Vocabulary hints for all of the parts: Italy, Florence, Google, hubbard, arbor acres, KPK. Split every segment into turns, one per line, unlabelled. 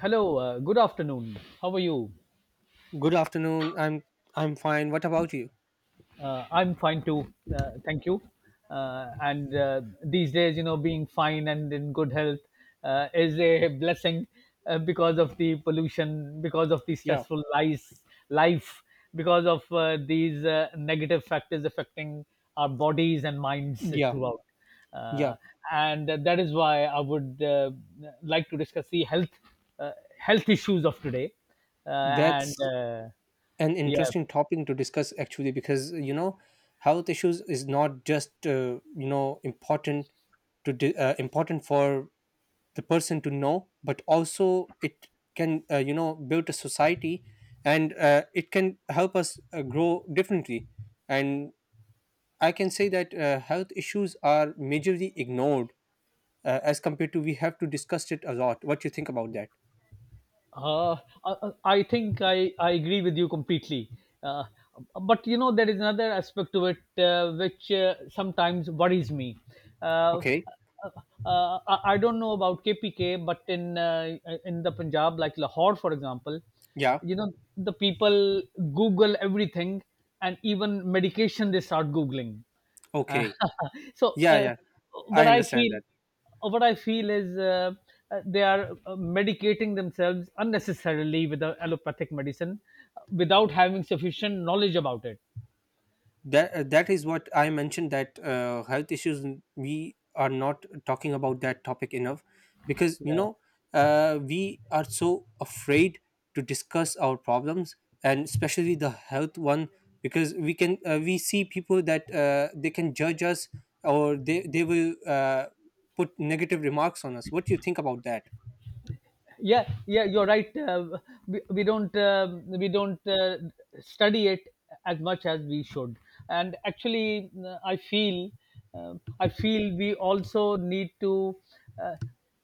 Hello, good afternoon. How are you?
Good afternoon. I'm fine. What about you?
I'm fine too. Thank you. And these days, being fine and in good health is a blessing, because of the pollution, because of the
Yeah.
stressful life, because of these negative factors affecting our bodies and minds
Yeah.
throughout. Uh,
Yeah.
and that is why I would, like to discuss the uh, health issues of today. And
That's an
Yeah,
interesting topic to discuss actually, because health issues is not just important important for the person to know, but also it can build a society, and it can help us grow differently. And I can say that health issues are majorly ignored as compared to we have to discuss it a lot. What you think about that?
uh, I think I agree with you completely. Uh, but there is another aspect to it, which, sometimes worries me. Uh,
Okay.
uh, I don't know about KPK, but in the Punjab, like Lahore, for example,
Yeah.
the people Google everything, and even medication they start Googling. Uh,
Okay.
so,
Yeah. Yeah.
what
I
I
understand
feel,
that.
what I feel is, they are medicating themselves unnecessarily with the allopathic medicine, without having sufficient knowledge about it.
That is what I mentioned, that health issues, we are not talking about that topic enough, because
Yeah.
we are so afraid to discuss our problems, and especially the health one, because we see people that they can judge us, or they will put negative remarks on us. What do you think about that?
Yeah, yeah, you're right. We don't, study it as much as we should. And actually, I feel we also need to, uh,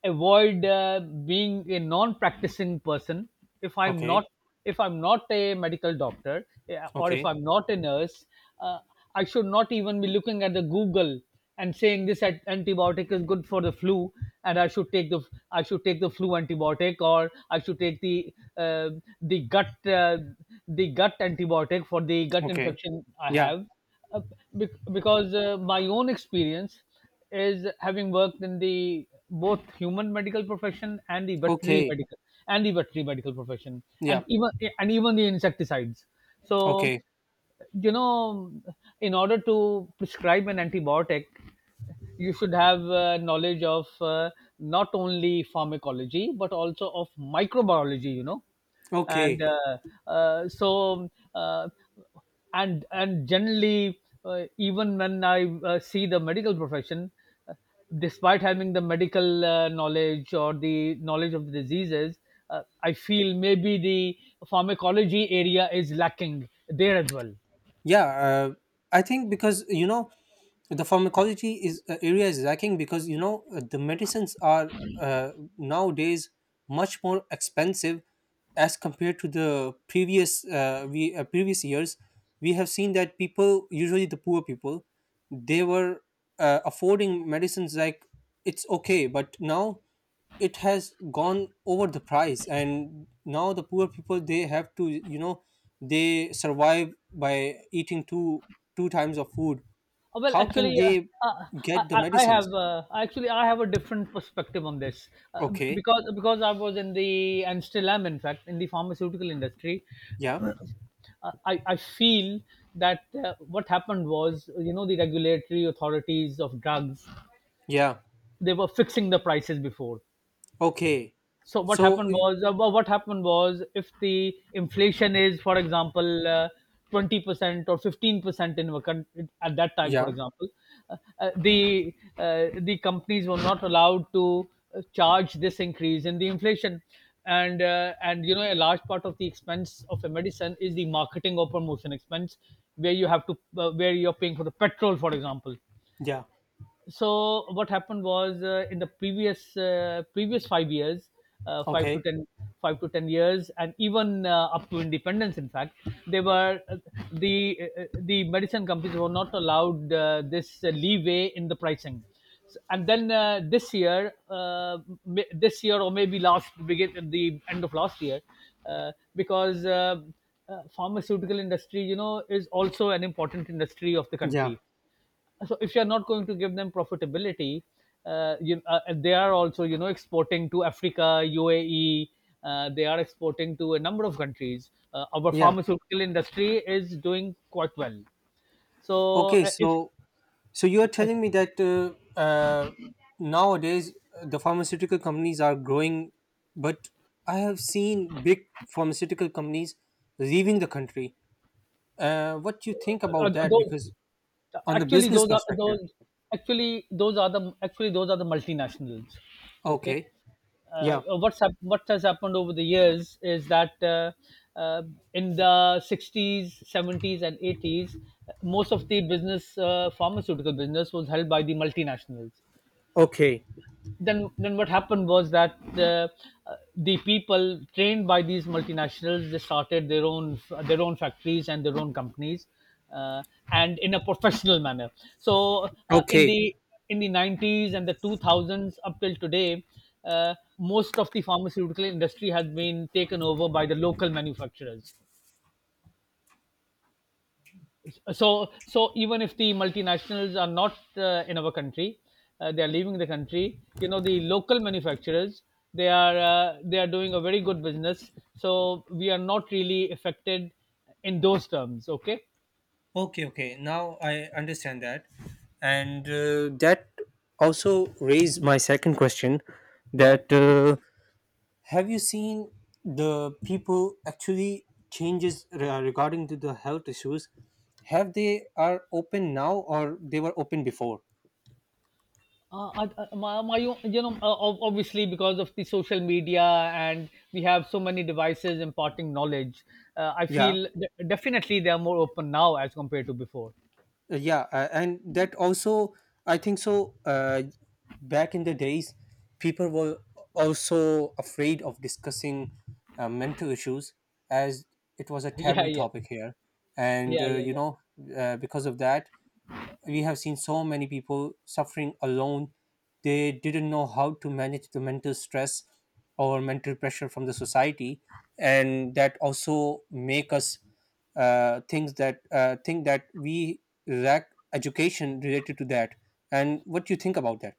avoid, being a non practicing person. if i'm not
Okay.
if I'm not a medical doctor, yeah, or if
Okay.
I'm not a nurse, uh, I should not even be looking at the Google and saying this antibiotic is good for the flu, and I should take the flu antibiotic, or I should take uh, the gut uh, the gut antibiotic for the gut
Okay.
infection I
Yeah.
have. uh, because, my own experience is having worked in the both human medical profession, and the veterinary
Okay.
medical and the veterinary medical profession.
Yeah.
and even and even the insecticides. So,
Okay.
you know in order to prescribe an antibiotic, you should have knowledge of, not only pharmacology but also of microbiology, you know. and
Okay.
uh, uh, so uh, and generally, even when I, see the medical profession, despite having the medical knowledge or the knowledge of the diseases, I feel maybe the pharmacology area is lacking there as well.
Yeah. I think, because you know, the pharmacology is area is lacking, because the medicines are nowadays much more expensive as compared to the previous years. We have seen that people, usually the poor people, they were affording medicines like it's okay, but now it has gone over the price, and now the poor people, they have to, you know, they survive by eating two two times of food.
Well,
How can
actually,
they
uh,
get the medicines?
I have a different perspective on this, uh,
Okay.
because I was in the and still am, in fact, in the pharmaceutical industry.
Yeah.
Uh, I feel that, what happened was, the regulatory authorities of drugs,
Yeah.
they were fixing the prices before.
Okay.
So
So
what happened was, if the inflation is, for example, 20% or 15% in a country at that time, for
yeah.
example, the companies were not allowed to, charge this increase in the inflation, and, and a large part of the expense of a medicine is the marketing or promotion expense, where you have to where you're paying for the petrol, for example.
Yeah.
So what happened was, in the previous 5 years, uh, five to
Okay.
ten five to 10 years, and even, up to independence, in fact, they were uh, the medicine companies were not allowed, this, leeway in the pricing. And then, this year, this year, or maybe last, begin at the end of last year, because, pharmaceutical industry, is also an important industry of the
Yeah.
country. So if you are not going to give them profitability, they are also, exporting to Africa, UAE, they are exporting to a number of countries. Our
Yeah.
pharmaceutical industry is doing quite well. So,
Okay. So,
if
so you are telling me that nowadays the pharmaceutical companies are growing, but I have seen big pharmaceutical companies leaving the country. What do you think
uh,
about
uh,
that?
those
Because on the
actually
business
those are those
perspective,
those are the multinationals, okay.
okay, yeah,
What's hap- what has happened over the years is that, uh, in the 60s, 70s, and 80s, most of the business pharmaceutical business was held by the multinationals.
okay,
Then what happened was that, the people trained by these multinationals, they started their own factories and their own companies, uh, and in a professional manner. So,
okay,
in the 90s and the 2000s up till today, most of the pharmaceutical industry has been taken over by the local manufacturers. So even if the multinationals are not, in our country, they are leaving the country. You know, the local manufacturers, they are, they are doing a very good business. So we are not really affected in those terms, okay.
okay, okay. Now I understand that, and that also raised my second question,
Yeah,
that have you seen the people actually changes, regarding to the health issues, have they are open now or they were open before?
uh, I, I- my, my, you obviously because of the social media and we have so many devices imparting knowledge, I
Yeah.
feel definitely they are more open now as compared to before.
Yeah, and that also, I think so, back in the days people were also afraid of discussing mental issues, as it was a
Yeah,
taboo
yeah,
topic here. And
yeah, yeah,
you
yeah.
know, because of that we have seen so many people suffering alone. They didn't know how to manage the mental stress or mental pressure from the society, and that also make us things that think that we lack education related to that. And what do you think about that?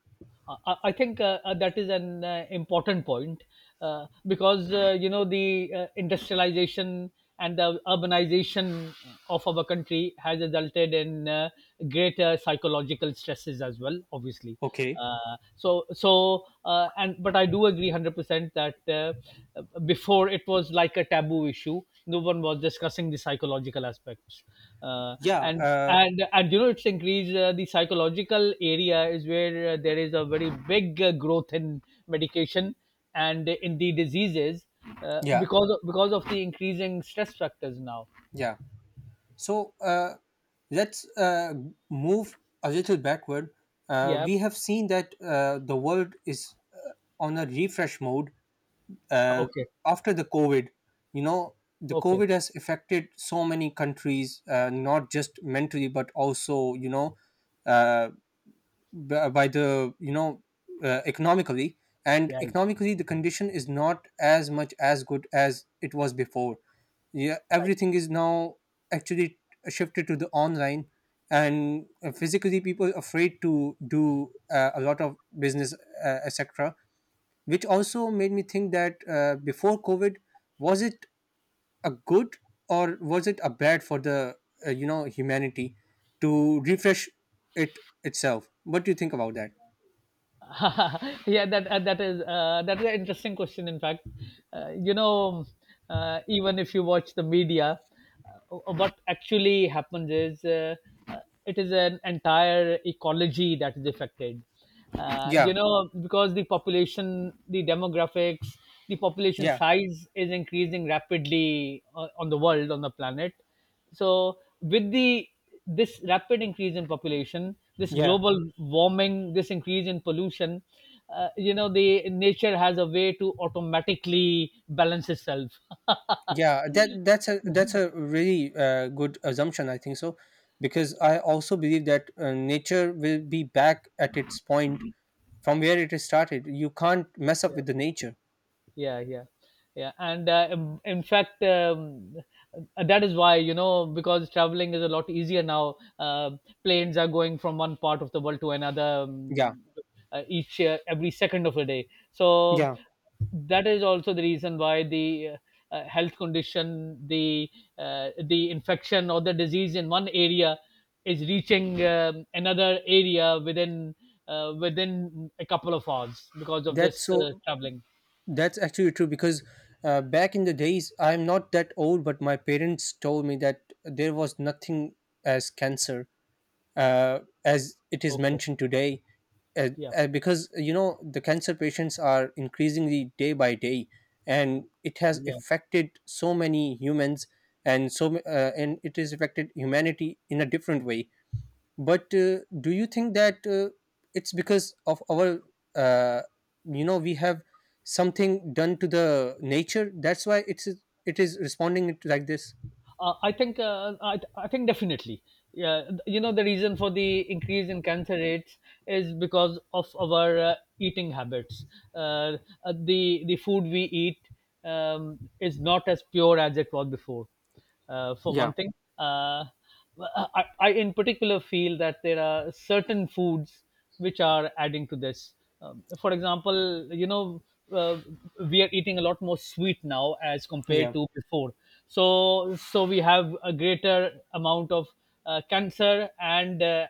I think, that is an, important point, because, the, industrialization and the urbanization of our country has resulted in, greater psychological stresses as well. Obviously,
Okay.
and but I do agree 100% that, before it was like a taboo issue. No one was discussing the psychological aspects,
Yeah.
and it's increased. The psychological area is where, there is a very big, growth in medication and in the diseases,
Yeah.
because of the increasing stress factors now.
Yeah. So let's move a little backward.
Yeah.
We have seen that the world is on a refresh mode uh,
Okay,
after the covid. You know the
okay.
covid has affected so many countries, not just mentally but also, you know, uh, by the, you know, economically, and
Yeah,
economically the condition is not as much as good as it was before. Yeah,
right.
everything is now actually shifted to the online, and physically people are afraid to do a lot of business, etc, which also made me think that before covid, was it a good or was it a bad for the, you know, humanity to refresh it itself. What do you think about that?
Yeah, that is an interesting question. In fact, uh, you know, even if you watch the media, what actually happens is, uh, it is an entire ecology that is affected.
Yeah.
You know, because the population, the demographics, the population
Yeah.
size is increasing rapidly, on the world, on the planet. So with the this rapid increase in population, this
Yeah.
global warming, this increase in pollution, the nature has a way to automatically balance itself.
Yeah, that's a really good assumption, I think so, because I also believe that nature will be back at its point from where it is started. You can't mess up
Yeah,
with the nature.
yeah, yeah, yeah. And, in fact, that is why, because traveling is a lot easier now. Planes are going from one part of the world to another.
Yeah.
Each Every second of a day. So
Yeah.
that is also the reason why the, health condition, the infection or the disease in one area is reaching, another area within, within a couple of hours because of
That's
this,
so.
traveling,
That's actually true, because back in the days, I'm not that old, but my parents told me that there was nothing as cancer as it is
okay.
mentioned today. Uh,
Yeah,
because you know the cancer patients are increasingly day by day, and it has
yeah.
affected so many humans, and and it has affected humanity in a different way. But do you think that it's because of our, uh, you know, we have something done to the nature? That's why it's it is responding it like this.
I think, I think definitely. Yeah, you know, the reason for the increase in cancer rates is because of our, eating habits. Uh, the food we eat, is not as pure as it was before. For
Yeah,
one thing, uh, well, I in particular feel that there are certain foods which are adding to this. For example, uh, we are eating a lot more sweet now as compared
yeah.
to before. So we have a greater amount of, cancer and,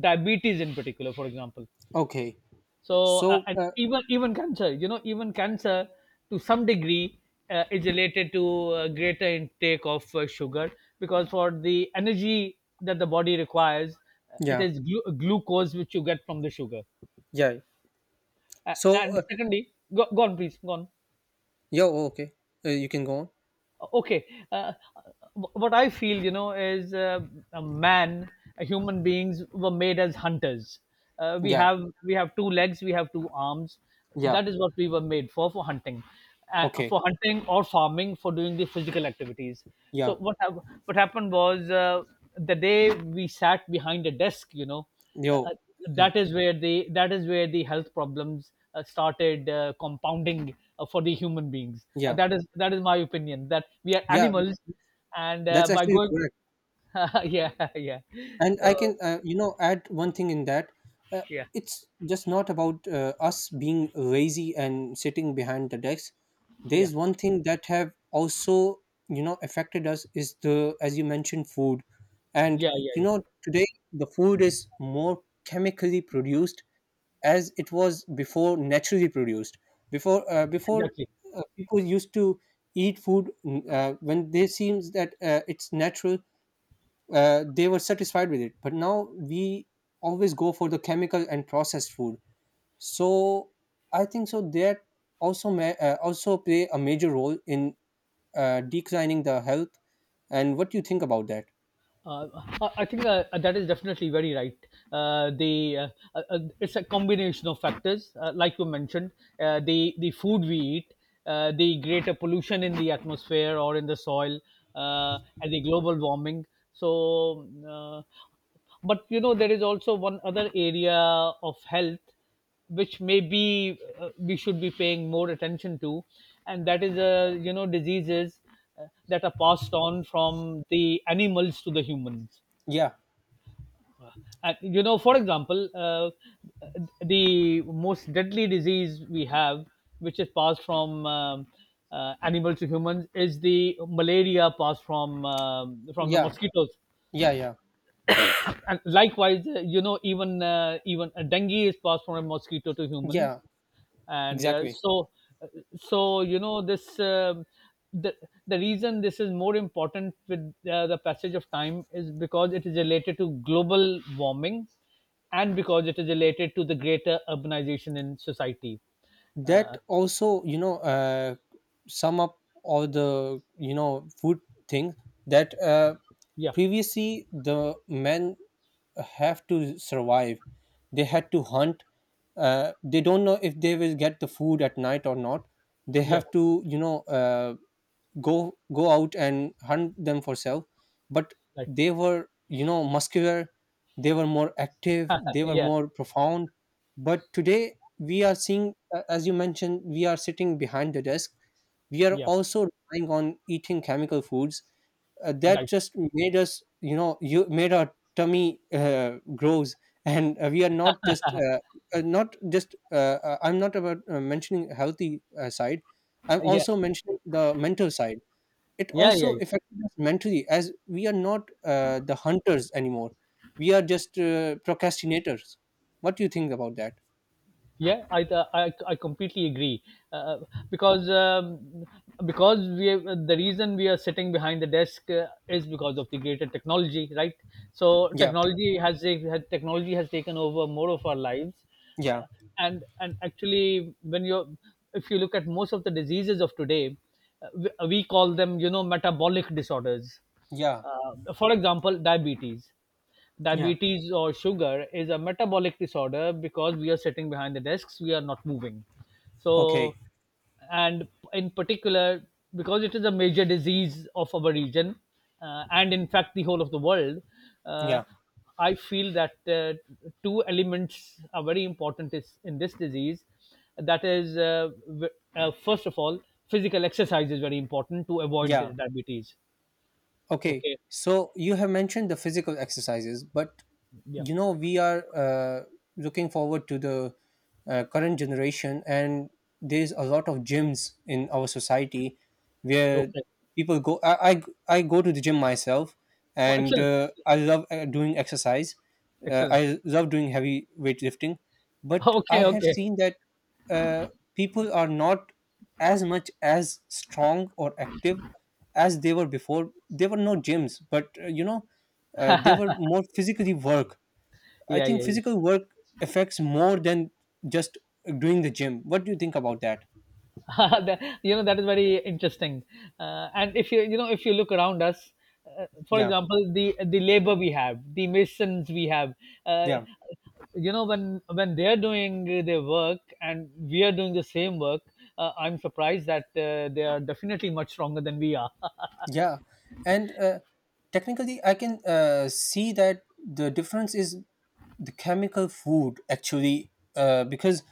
diabetes in particular, for example.
Okay.
So,
So,
and even cancer, even cancer, to some degree, is related to, greater intake of, sugar, because for the energy that the body requires, it
yeah,
is glucose, which you get from the sugar.
yeah. So,
And secondly, go on, please, go on.
yeah. Okay. You can go on.
Okay. uh, what I feel, is, a man human beings were made as hunters. uh, we
Yeah,
have we have two legs, we have two arms.
yeah.
That is what we were made for hunting,
Okay.
or farming, for doing the physical activities.
Yeah.
So what happened was, the day we sat behind a desk, uh,
Yo.
uh,
Yeah.
that is where the health problems, started, compounding, for the human beings.
Yeah.
That is my opinion, that we are
Yeah.
animals, and,
That's
by
actually
going.
correct.
Yeah, yeah.
And
So,
I can, add one thing in that. Uh,
yeah,
it's just not about us being lazy and sitting behind the desk.
yeah,
There's one thing that have also, you know, affected us is the, as you mentioned, food. And,
yeah, yeah,
you know,
yeah.
today the food is more chemically produced as it was before, naturally produced. before uh, before
Exactly.
uh, people used to eat food when they seems that it's natural. Uh, they were satisfied with it. But now we always go for the chemical and processed food. So I think so that also play a major role in declining the health. And what do you think about that?
Uh, I think, that is definitely very right. The It's a combination of factors, like you mentioned, the food we eat, the greater pollution in the atmosphere or in the soil, and the global warming. So, uh, but you know there is also one other area of health which maybe we should be paying more attention to, and that is diseases that are passed on from the animals to the humans.
Yeah,
And you know, for example, the most deadly disease we have, which is passed from animals to humans, is the malaria passed from the
yeah,
mosquitoes.
yeah, yeah,
And likewise, you know, even even dengue is passed from a mosquito to humans,
yeah.
and uh,
Exactly.
so uh, so you know, this the the reason this is more important with the passage of time is because it is related to global warming, and because it is related to the greater urbanization in society.
That
Uh,
also, sum up all the, you know, food thing, that
yeah,
previously the men have to survive, they had to hunt. Uh, they don't know if they will get the food at night or not. They
yeah,
have to, go out and hunt them for self. But
right.
they were, you know, muscular, they were more active, they were
Yeah,
more profound. But today we are seeing, as you mentioned, we are sitting behind the desk, we are
yeah,
also relying on eating chemical foods, that
right.
just made us, you know, you made our tummy grows. And we are not just uh, not just uh, I'm not about mentioning healthy side. I'm
Yeah,
also mentioning the mental side. It
yeah, yeah.
also affected us mentally, as we are not the hunters anymore. We are just procrastinators. What do you think about that?
Yeah, I completely agree, uh, uh, because um, because we have, the reason we are sitting behind the desk is because of the greater technology, right? So
Yeah,
technology technology has taken over more of our lives.
yeah,
Uh, and and actually, when you if you look at most of the diseases of today, we call them you know metabolic disorders.
yeah,
For example, diabetes.
yeah.
Diabetes or sugar is a metabolic disorder because we are sitting behind the desks, we are not moving.
Okay,
So, and in particular, because it is a major disease of our region and in fact the whole of the world, uh,
yeah,
I feel that two elements are very important in this disease. That is, first of all, physical exercise is very important to avoid
yeah.
diabetes.
Okay,
Okay.
so you have mentioned the physical exercises, but
Yeah.
you know we are looking forward to the current generation, and there's a lot of gyms in our society where
Okay.
people go. I go to the gym myself,
Oh,
and
excellent.
I love doing exercise.
Excellent.
I love doing heavy weightlifting, but I
Okay,
have
okay.
seen that uh, people are not as much as strong or active as they were before. They were no gyms, but they were more physically work. I
Yeah,
think
yeah,
physical work affects more than just doing the gym. What do you think about that?
yeah. That- you know, that is very interesting. And if you, you know, if you look around us, for
Yeah,
example, the labor we have, the masons we have, uh,
yeah.
you know, when they are doing their work and we are doing the same work, I'm surprised that they are definitely much stronger than we are.
Yeah, and technically, I can see that the difference is the chemical food actually, because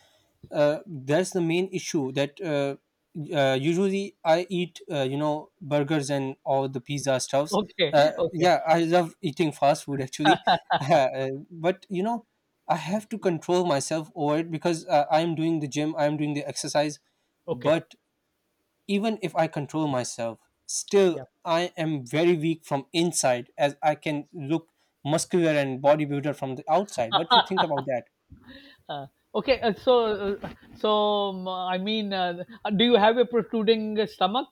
that's the main issue. That usually I eat, you know, burgers and all the pizza stuffs.
Okay, okay,
Yeah, I love eating fast food actually, but you know, I have to control myself over it, because I'm doing the gym, I'm doing the exercise,
okay.
but even if I control myself, still
Yeah.
I am very weak from inside, as I can look muscular and bodybuilder from the outside. What do you think about that?
Uh, okay. Uh, so uh, so I mean, do you have a protruding stomach?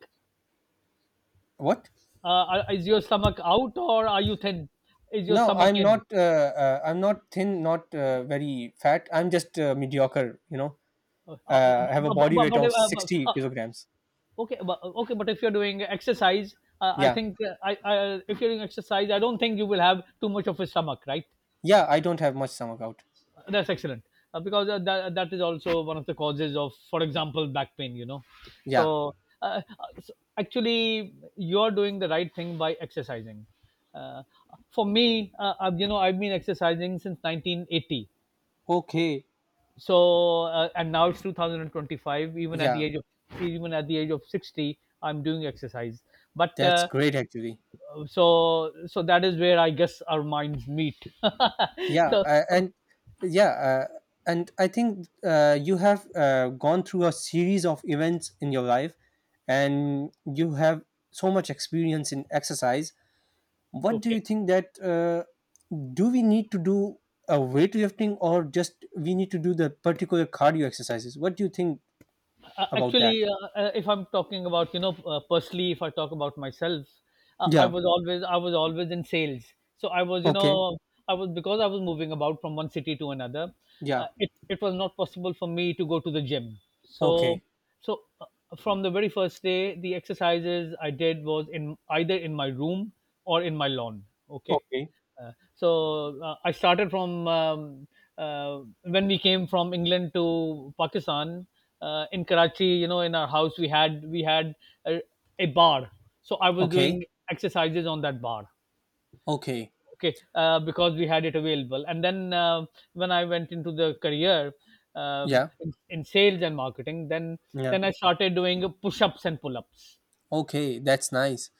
What?
Uh, is your stomach out, or are you thin? Is your
No,
stomach
I'm
in?
not. I'm not thin, not very fat. I'm just mediocre. You know, I have a
Bu-
body
bu-
weight
but,
of
bu-
sixty kilograms.
okay, bu- Okay, but if you're doing exercise, I
Yeah,
think I, if you're doing exercise, I don't think you will have too much of a stomach, right?
yeah. I don't have much stomach out.
That's excellent, because that, that is also one of the causes of, for example, back pain. You know,
Yeah.
so, so actually, you're doing the right thing by exercising. Uh, for me, you know, I've been exercising since 1980,
Okay.
and now it's 2025. Even at the
Yeah,
age of even at the age of 60, I'm doing exercise. but
that's
uh,
great actually.
so so that is where I guess our minds meet.
Yeah,
so
and yeah, and I think you have gone through a series of events in your life, and you have so much experience in exercise. What do
okay
you think, that do we need to do a weightlifting, or just we need to do the particular cardio exercises? What do you think about that?
Actually, if I'm talking about, you know, personally, if I talk about myself,
Yeah.
I was always in sales. So I was, you
Okay.
know, I was, because I was moving about from one city to another.
Yeah.
It was not possible for me to go to the gym. So
Okay.
so from the very first day, the exercises I did was in either in my room or in my lawn. Okay,
Okay.
I started from when we came from England to Pakistan, in Karachi. You know, in our house we had a, a bar, so I was
Okay.
doing exercises on that bar.
Okay.
Okay, because we had it available. And then when I went into the career,
Yeah.
in sales and marketing, then
Yeah.
I started doing push ups and pull ups.
Okay, that's nice.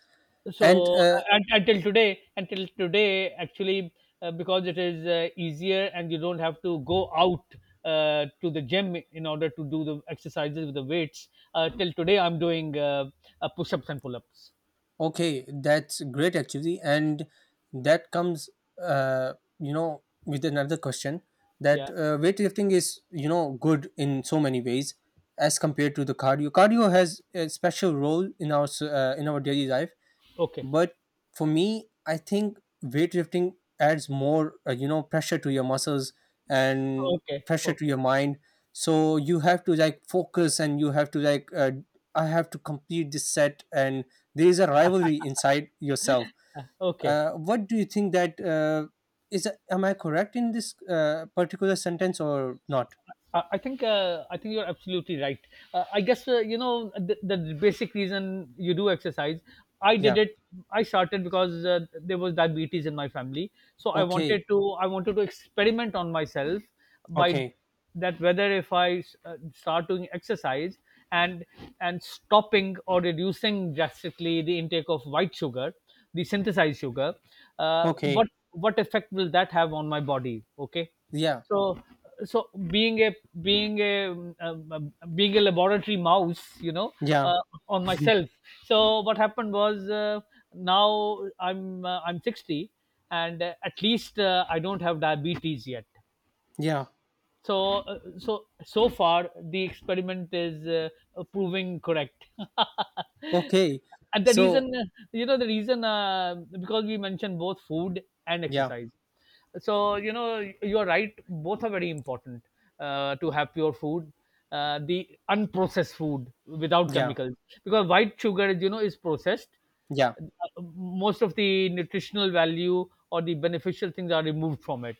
So
And
un until today, actually, because it is easier and you don't have to go out to the gym in order to do the exercises with the weights. Till today, I'm doing push-ups and pull-ups.
okay, that's great actually, and that comes, uh, you know, with another question, that
Yeah.
weightlifting is, you know, good in so many ways as compared to the cardio. Cardio has a special role in our in our daily life,
Okay.
but for me I think weightlifting adds more, you know, pressure to your muscles and
Okay.
pressure to
Okay.
your mind. So you have to like focus, and you have to like, I have to complete this set, and there is a rivalry inside yourself.
Okay.
Uh, what do you think, that is am I correct in this particular sentence or not?
I think you're absolutely right. I guess, you know, the basic reason you do exercise. I did
Yeah.
it. I started because there was diabetes in my family, so
Okay.
I wanted to experiment on myself by
Okay.
that whether if I start doing exercise and and stopping or reducing drastically the intake of white sugar, the synthesized sugar, what
Okay.
what effect will that have on my body? Okay.
Yeah.
So, so being a, being a being a laboratory mouse, you know,
Yeah.
uh, on myself. So what happened was, now I'm 60, and at least I don't have diabetes yet.
Yeah.
So, so so far the experiment is proving correct.
Okay.
And the
So
reason, you know, the reason, because we mentioned both food and
yeah,
exercise, so you know, you're right, both are very important, to have pure food, the unprocessed food without
yeah,
chemicals, because white sugar, you know, is processed.
yeah.
Uh, Most of the nutritional value or the beneficial things are removed from it.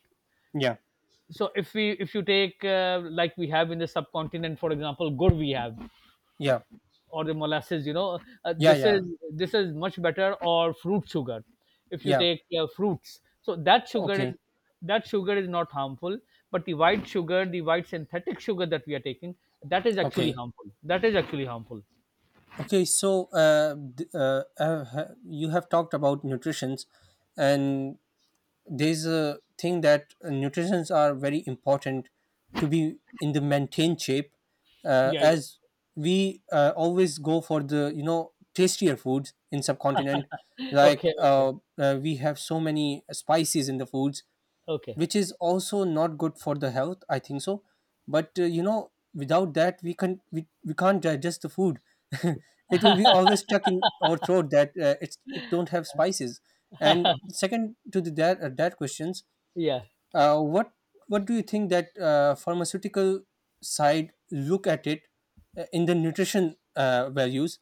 Yeah,
So if we, if you take like we have in the subcontinent, for example, gur we have,
yeah,
or the molasses, you know, uh,
yeah,
this
yeah,
is this is much better. Or fruit sugar. If you
yeah.
take fruits, so that sugar is,
Okay,
that sugar is not harmful. But the white sugar, the white synthetic sugar that we are taking, that is actually
okay,
harmful, that is actually harmful.
okay. So, you have talked about nutritions, and there's a thing that nutritions are very important to be in the maintained shape,
Yeah, yeah.
as we always go for the, you know, tastier foods in subcontinent, like,
Okay, okay,
we have so many spices in the foods,
okay.
which is also not good for the health, I think so. But you know, without that we can't digest the food. It will be always stuck in our throat, that it's it don't have spices. And second to the that, that questions,
Yeah.
uh, what what do you think, that pharmaceutical side look at it, in the nutrition values,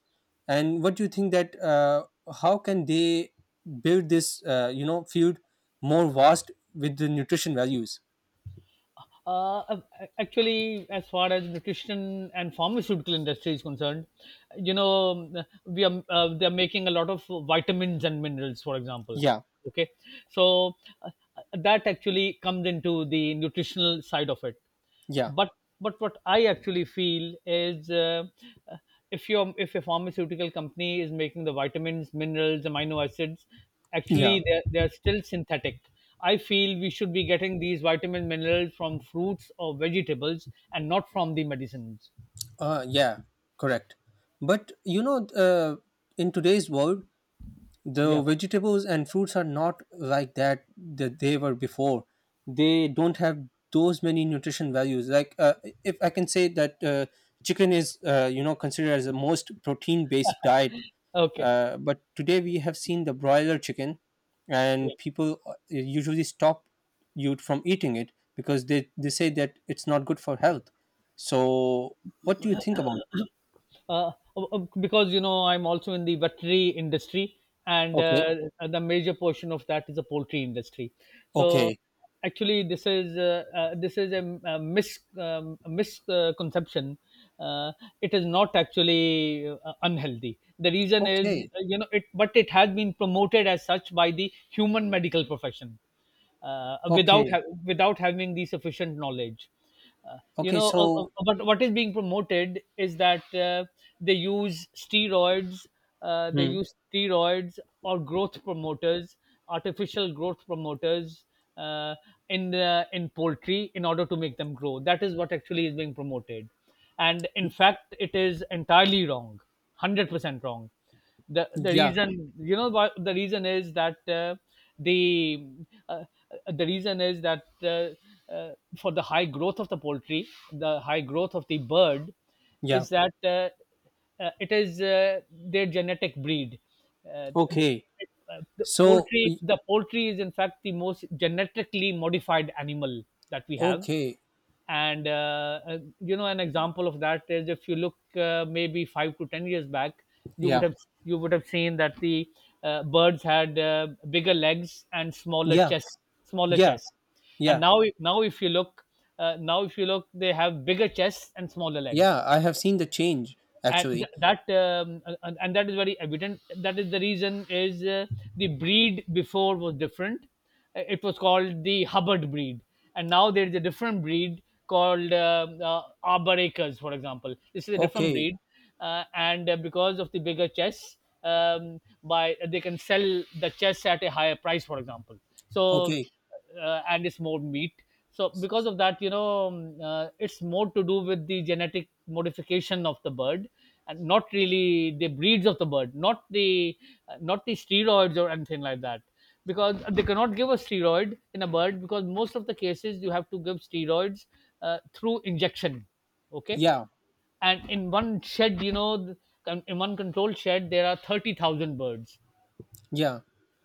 and what do you think, that how can they build this, you know, field more vast with the nutrition values?
Uh, Actually, as far as nutrition and pharmaceutical industry is concerned, you know, we are, they are making a lot of vitamins and minerals, for example.
Yeah,
Okay, so uh, that actually comes into the nutritional side of it.
yeah,
But but what I actually feel is, uh, if your, if a pharmaceutical company is making the vitamins, minerals, amino acids,
yeah,
actually they're still synthetic. I feel we should be getting these vitamin minerals from fruits or vegetables, and not from the medicines.
yeah, correct. But you know, in today's world,
Yeah.
the vegetables and fruits are not like that, that they were before. They don't have those many nutrition values, like if I can say that chicken is, you know, considered as the most protein based diet,
Okay.
but today we have seen the broiler chicken, and
Yeah.
people usually stop you from eating it, because they say that it's not good for health. So what do you think about it?
Because you know, I'm also in the veterinary industry, and
Okay.
the major portion of that is the poultry industry. So
Okay.
actually, this is a mis a misconception. Uh, it is not actually unhealthy. The reason is,
Okay.
you know, it, but it has been promoted as such by the human medical profession,
Okay.
without having the sufficient knowledge,
Okay. So
but what is being promoted is that they use steroids, they
hmm.
use steroids or growth promoters, artificial growth promoters, uh, in poultry in order to make them grow. That is what actually is being promoted. And in fact, it is entirely wrong. 100% wrong. The
Yeah,
reason, you know, what the reason is that, the uh, uh, the reason is that, uh, for the high growth of the poultry, the high growth of the bird
yeah.
is that, it is their genetic breed. uh,
Okay.
the
So,
poultry, the poultry is in fact the most genetically modified animal that we have.
okay.
And you know, an example of that is, if you look maybe 5 to 10 years back, you would
Yeah,
have, you would have seen that the birds had bigger legs and smaller
yeah,
chests, smaller
yeah,
chests. And
yeah,
now, now if you look, now if you look, they have bigger chests and smaller legs.
yeah. I have seen the change
and
actually.
th- that um, and, and that is very evident. That is, the reason is, the breed before was different. It was called the hubbard breed, and now there is a different breed called arbor acres, for example. This is a different
Okay,
breed. And Because of the bigger chess, um, by they can sell the chess at a higher price, for example. So
okay.
and it's more meat. So because of that, you know, it's more to do with the genetic modification of the bird, and not really the breeds of the bird, not the not the steroids or anything like that. Because they cannot give a steroid in a bird, because most of the cases you have to give steroids through injection. Okay,
Yeah,
and in one shed, you know, in one controlled shed there are 30,000 birds.
yeah,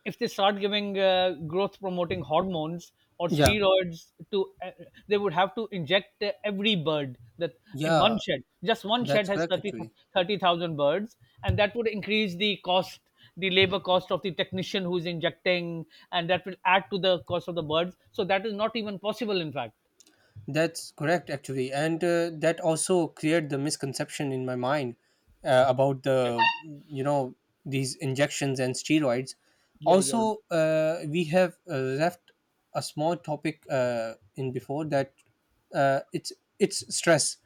If they start giving growth promoting hormones or
yeah,
steroids to, they would have to inject every bird that, in one
yeah.
shed, just one shed
That's
has
correct
thirty
actually.
thirty thousand birds, and that would increase the cost, the labor cost of the technician who's injecting, and that will add to the cost of the birds. So that is not even possible, in fact.
That's correct, actually, and that also cleared the misconception in my mind about
Yeah
the, you know, these injections and steroids.
yeah. Yeah,
Also, we have left a small topic in before that, uh, it's it's stress.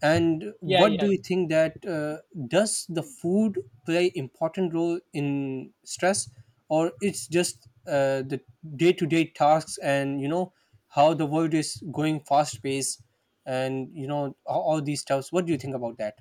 And
yeah,
what
yeah,
do you
yeah.
think, that does the food play important role in stress, or it's just the day-to-day tasks, and you know, how the world is going fast paced, and you know, all these stuffs. What do you think about that?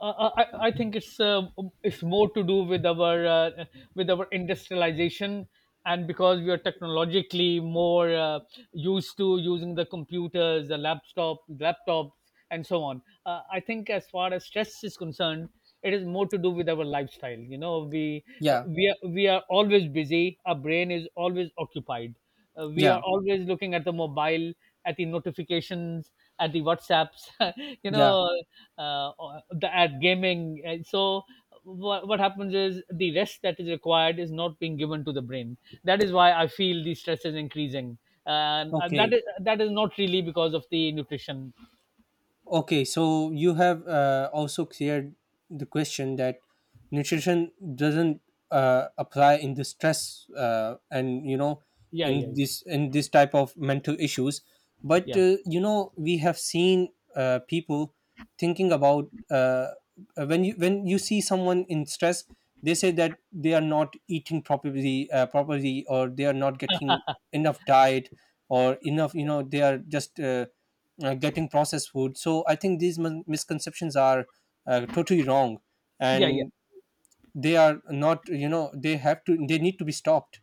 I I think it's more to do with our industrialization, and because we are technologically more used to using the computers, the laptop, laptops, and so on. I think as far as stress is concerned, it is more to do with our lifestyle. You know,
Yeah,
we are always busy. Our brain is always occupied. We are
yeah,
always looking at the mobile, at the notifications, at the WhatsApps, you
yeah.
know, at gaming. And so, what happens is the rest that is required is not being given to the brain. That is why I feel the stress is increasing. And that
Okay.
is, that is not really because of the nutrition.
Okay, so you have also cleared the question that nutrition doesn't apply in the stress, and you know,
Yeah, yeah, yeah,
in this type of mental issues, but
yeah,
you know we have seen people thinking about, when you, when you see someone in stress, they say that they are not eating properly or they are not getting enough diet, or enough, you know, they are just getting processed food. So I think these misconceptions are totally wrong,
yeah, yeah.
and they are not. You know, they have to. They need to be stopped.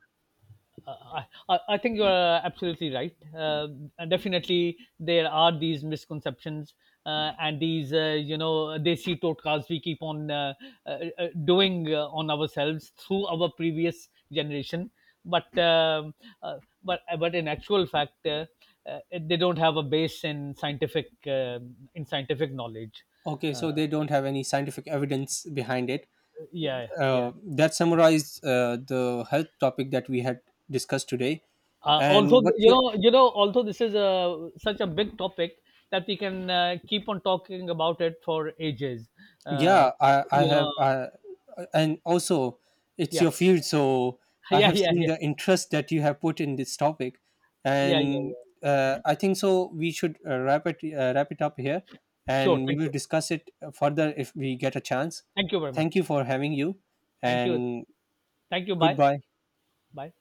Uh, I think you are absolutely right. Definitely, there are these misconceptions, and these, you know, desi totkas we keep on uh, doing on ourselves through our previous generation. But um, but in actual fact, they don't have a base in scientific knowledge.
Okay,
Uh,
so they don't have any scientific evidence behind it.
yeah, yeah.
That summarized the health topic that we had discussed today.
Also,
And what you...
you know, although this is a such a big topic that we can keep on talking about it for ages. Uh,
Yeah, I
you
have,
know,
and also it's
yeah,
your field, so I
yeah,
have
yeah,
seen
yeah,
the interest that you have put in this topic,
yeah, yeah,
and
yeah.
I think so. We should wrap it up here,
Sure.
and we
Thank
will
you.
discuss it further if we get a chance.
Thank you very much.
Thank you for having you,
Thank you.
and
Thank you. Bye.
goodbye.
Bye.